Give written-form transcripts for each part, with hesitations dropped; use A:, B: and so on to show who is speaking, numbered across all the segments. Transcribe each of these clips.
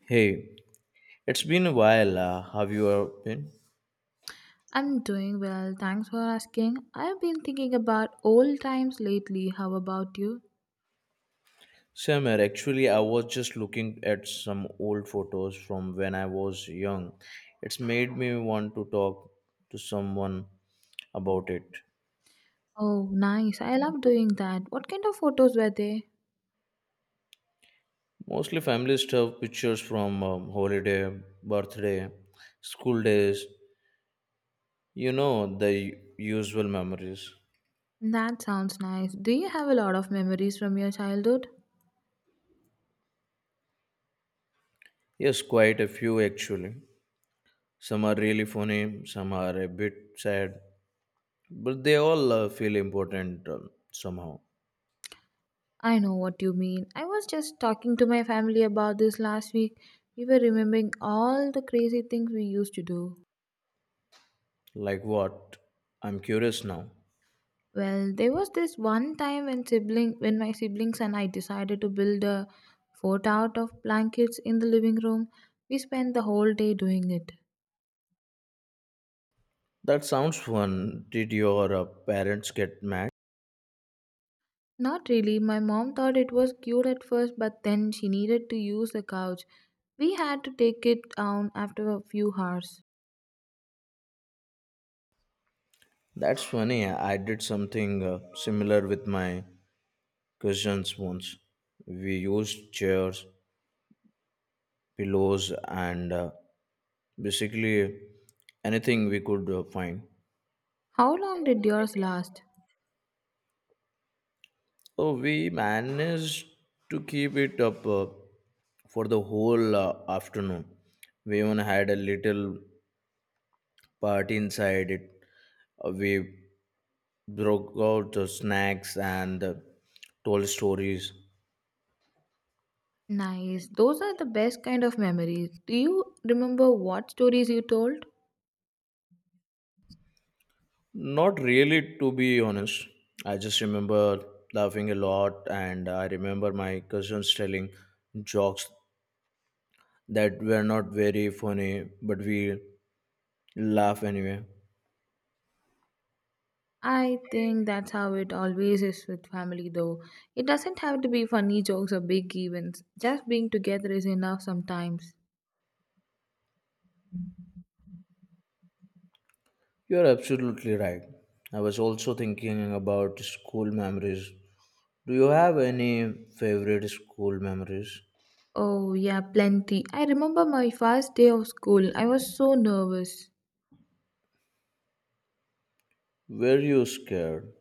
A: Hey, it's been a while. Have you been?
B: I'm doing well, thanks for asking. I've been thinking about old times lately. How about you?
A: Summer, actually, I was just looking at some old photos from when I was young. It's made me want to talk to someone about it.
B: Oh, nice. I love doing that. What kind of photos were they?
A: Mostly family stuff, pictures from holiday, birthday, school days, you know, usual memories.
B: That sounds nice. Do you have a lot of memories from your childhood?
A: Yes, quite a few actually. Some are really funny, some are a bit sad, but they all feel important somehow.
B: I know what you mean. I was just talking to my family about this last week. We were remembering all the crazy things we used to do.
A: Like what? I'm curious now.
B: Well, there was this one time when my siblings and I decided to build a fort out of blankets in the living room. We spent the whole day doing it.
A: That sounds fun. Did your parents get mad?
B: Not really. My mom thought it was cute at first, but then she needed to use the couch. We had to take it down after a few hours.
A: That's funny. I did something similar with my cousins once. We used chairs, pillows, and basically anything we could find.
B: How long did yours last?
A: So we managed to keep it up, for the whole afternoon. We even had a little but inside it, we broke out the snacks and told stories.
B: Nice. Those are the best kind of memories. Do you remember what stories you told?
A: Not really, to be honest. I just remember laughing a lot, and I remember my cousins telling jokes that were not very funny, but we laugh anyway.
B: I think that's how it always is with family, though. It doesn't have to be funny jokes or big events. Just being together is enough sometimes.
A: You're absolutely right. I was also thinking about school memories. Do you have any favorite school memories?
B: Oh, yeah, plenty. I remember my first day of school. I was so nervous,
A: Were you scared?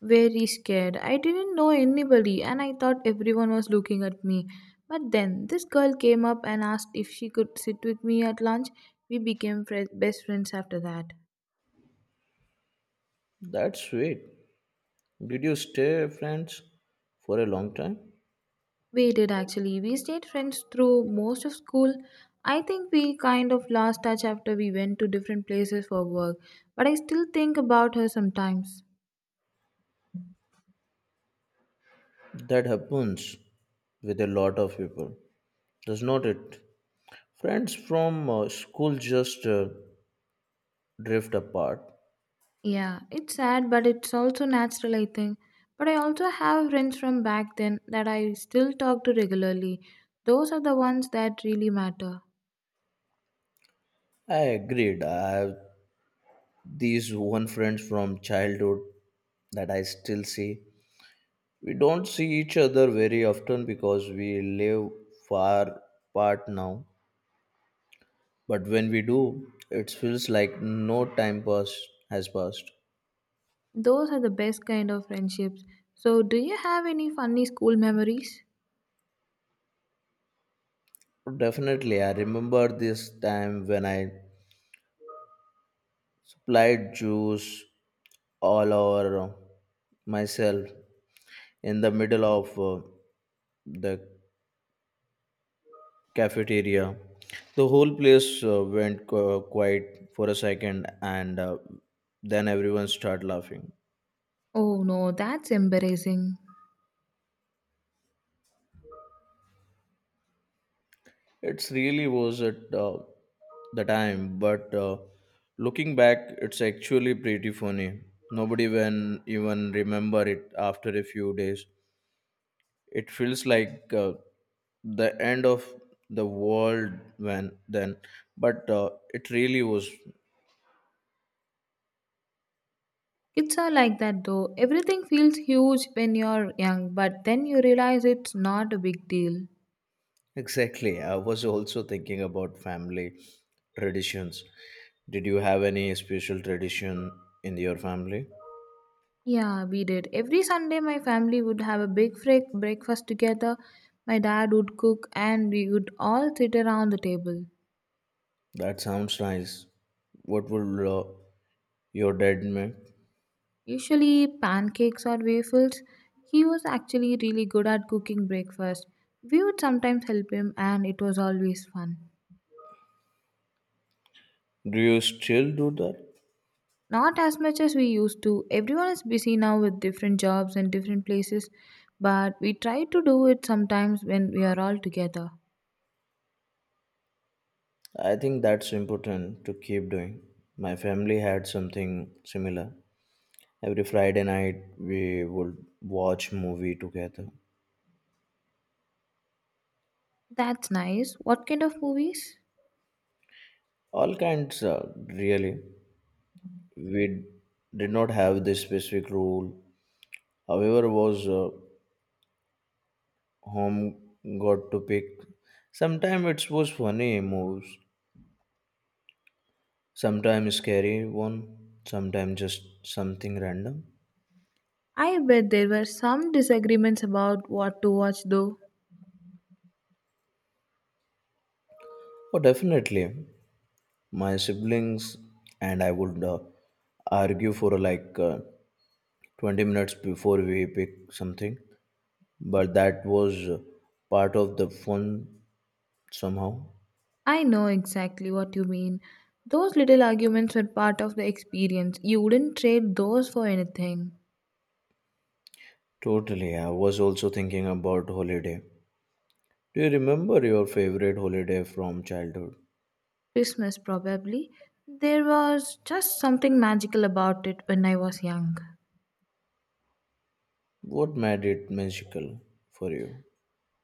B: very scared. I didn't know anybody, and I thought everyone was looking at me. But then this girl came up and asked if she could sit with me at lunch. We became fri best friends after that.
A: That's sweet. Did you stay friends for a long time?
B: We did actually. We stayed friends through most of school. I think we kind of lost touch after we went to different places for work, but I still think about her sometimes.
A: That happens with a lot of people, does not it? Friends from school just drift apart.
B: Yeah, it's sad, but it's also natural, I think. But I also have friends from back then that I still talk to regularly. Those are the ones that really matter.
A: I agreed. I have these one friends from childhood that I still see. We don't see each other very often because we live far apart now. But when we do, it feels like no time pass has passed.
B: Those are the best kind of friendships. So, do you have any funny school memories?
A: Definitely, I remember this time when I applied juice all over myself in the middle of the cafeteria. The whole place went quiet for a second, and then everyone started laughing.
B: Oh no, that's embarrassing.
A: It really was at the time, but looking back, it's actually pretty funny. Nobody even remember it after a few days. It feels like the end of the world when then, but it really was.
B: Kids are like that though. Everything feels huge when you're young, but then you realize it's not a big deal.
A: Exactly. I was also thinking about family traditions. Did you have any special tradition in your family?
B: Yeah, we did. Every Sunday, my family would have a breakfast together. My dad would cook, and we would all sit around the table.
A: That sounds nice. What would your dad make?
B: Usually, pancakes or waffles. He was actually really good at cooking breakfast. We would sometimes help him, and it was always fun.
A: Do you still do that?
B: Not as much as we used to. Everyone is busy now with different jobs and different places, but we try to do it sometimes when we are all together.
A: I think that's important to keep doing. My family had something similar. Every Friday night, we would watch movie together.
B: That's nice. What kind of movies?
A: All kinds, really. We did not have this specific rule, however was home got to pick. Sometimes it was funny moves, sometimes scary one, sometimes just something random.
B: I bet there were some disagreements about what to watch, though.
A: Oh, definitely. My siblings and I would argue for, like, 20 minutes before we pick something, but that was part of the fun somehow.
B: I know exactly what you mean. Those little arguments were part of the experience. You wouldn't trade those for anything.
A: Totally. I was also thinking about holiday. Do you remember your favorite holiday from childhood?
B: Christmas, probably. There was just something magical about it when I was young.
A: What made it magical for you?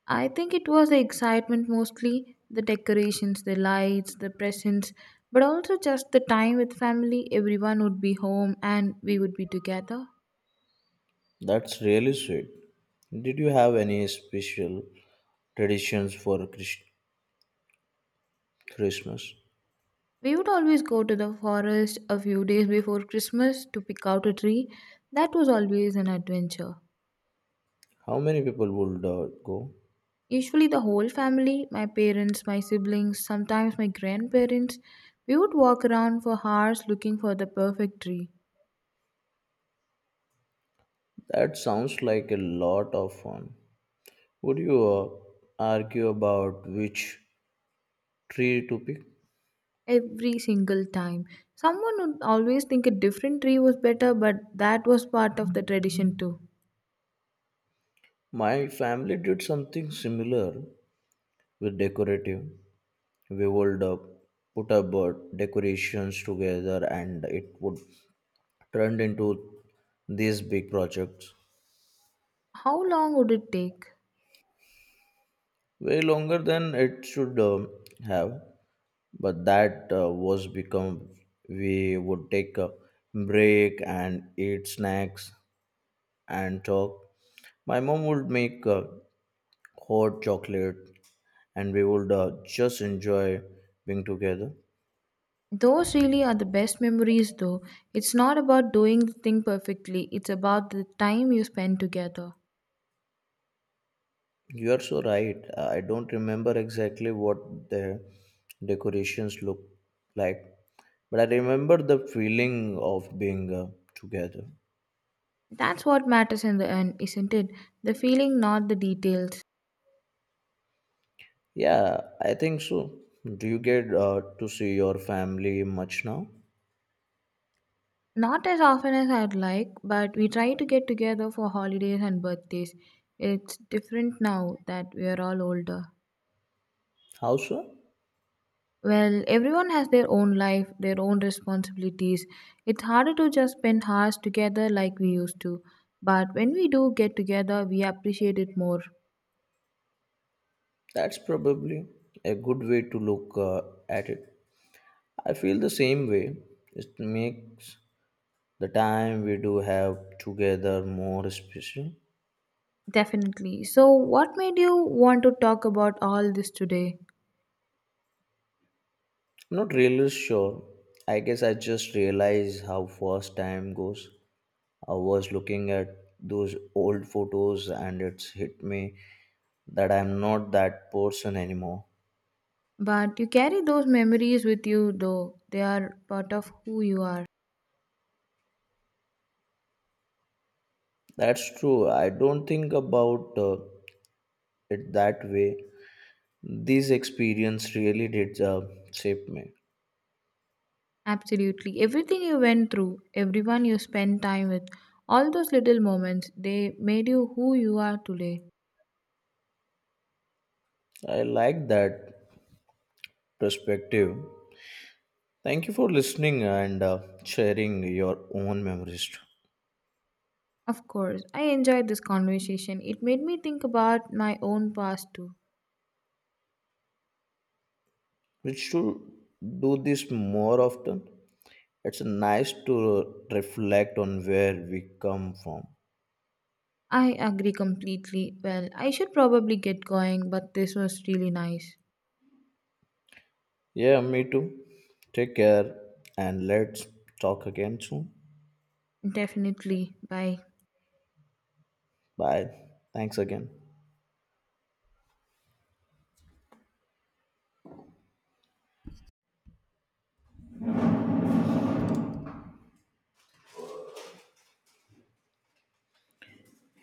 B: I think it was the excitement mostly, the decorations, the lights, the presents, but also just the time with family. Everyone would be home and we would be together.
A: That's really sweet. Did you have any special traditions for Christmas?
B: We would always go to the forest a few days before Christmas to pick out a tree. That was always an adventure.
A: How many people would go?
B: Usually, the whole family, my parents, my siblings, sometimes my grandparents, we would walk around for hours looking for the perfect tree.
A: That sounds like a lot of fun. Would you argue about which tree to pick?
B: Every single time. Someone would always think a different tree was better, but that was part of the tradition too.
A: My family did something similar with decorative. We would put up decorations together, and it would turn into these big projects.
B: How long would it take?
A: Way longer than it should have, but that was become we would take a break and eat snacks and talk. My mom would make hot chocolate, and we would just enjoy being together.
B: Those really are the best memories, though. It's not about doing the thing perfectly, it's about the time you spend together.
A: You are so right. I don't remember exactly what the decorations look like, but I remember the feeling of being together.
B: That's what matters in the end, isn't it? The feeling, not the details.
A: Yeah, I think so. Do you get to see your family much now?
B: Not as often as I'd like, but we try to get together for holidays and birthdays. It's different now that we are all older.
A: How so?
B: Well, everyone has their own life, their own responsibilities. It's harder to just spend hours together like we used to. But when we do get together, we appreciate it more.
A: That's probably a good way to look at it. I feel the same way. It makes the time we do have together more special.
B: Definitely. So, what made you want to talk about all this today?
A: I'm not really sure. I guess I just realized how fast time goes. I was looking at those old photos, and it's hit me that I'm not that person anymore.
B: But you carry those memories with you, though. They are part of who you are.
A: That's true. I don't think about it that way. This experience really did shape me.
B: Absolutely. Everything you went through, everyone you spent time with, all those little moments, they made you who you are today.
A: I like that perspective. Thank you for listening and sharing your own memories.
B: Of course, I enjoyed this conversation. It made me think about my own past too.
A: We should do this more often. It's nice to reflect on where we come from.
B: I agree completely. Well, I should probably get going, but this was really nice.
A: Yeah, me too. Take care, and let's talk again soon.
B: Definitely. Bye.
A: Bye. Thanks again.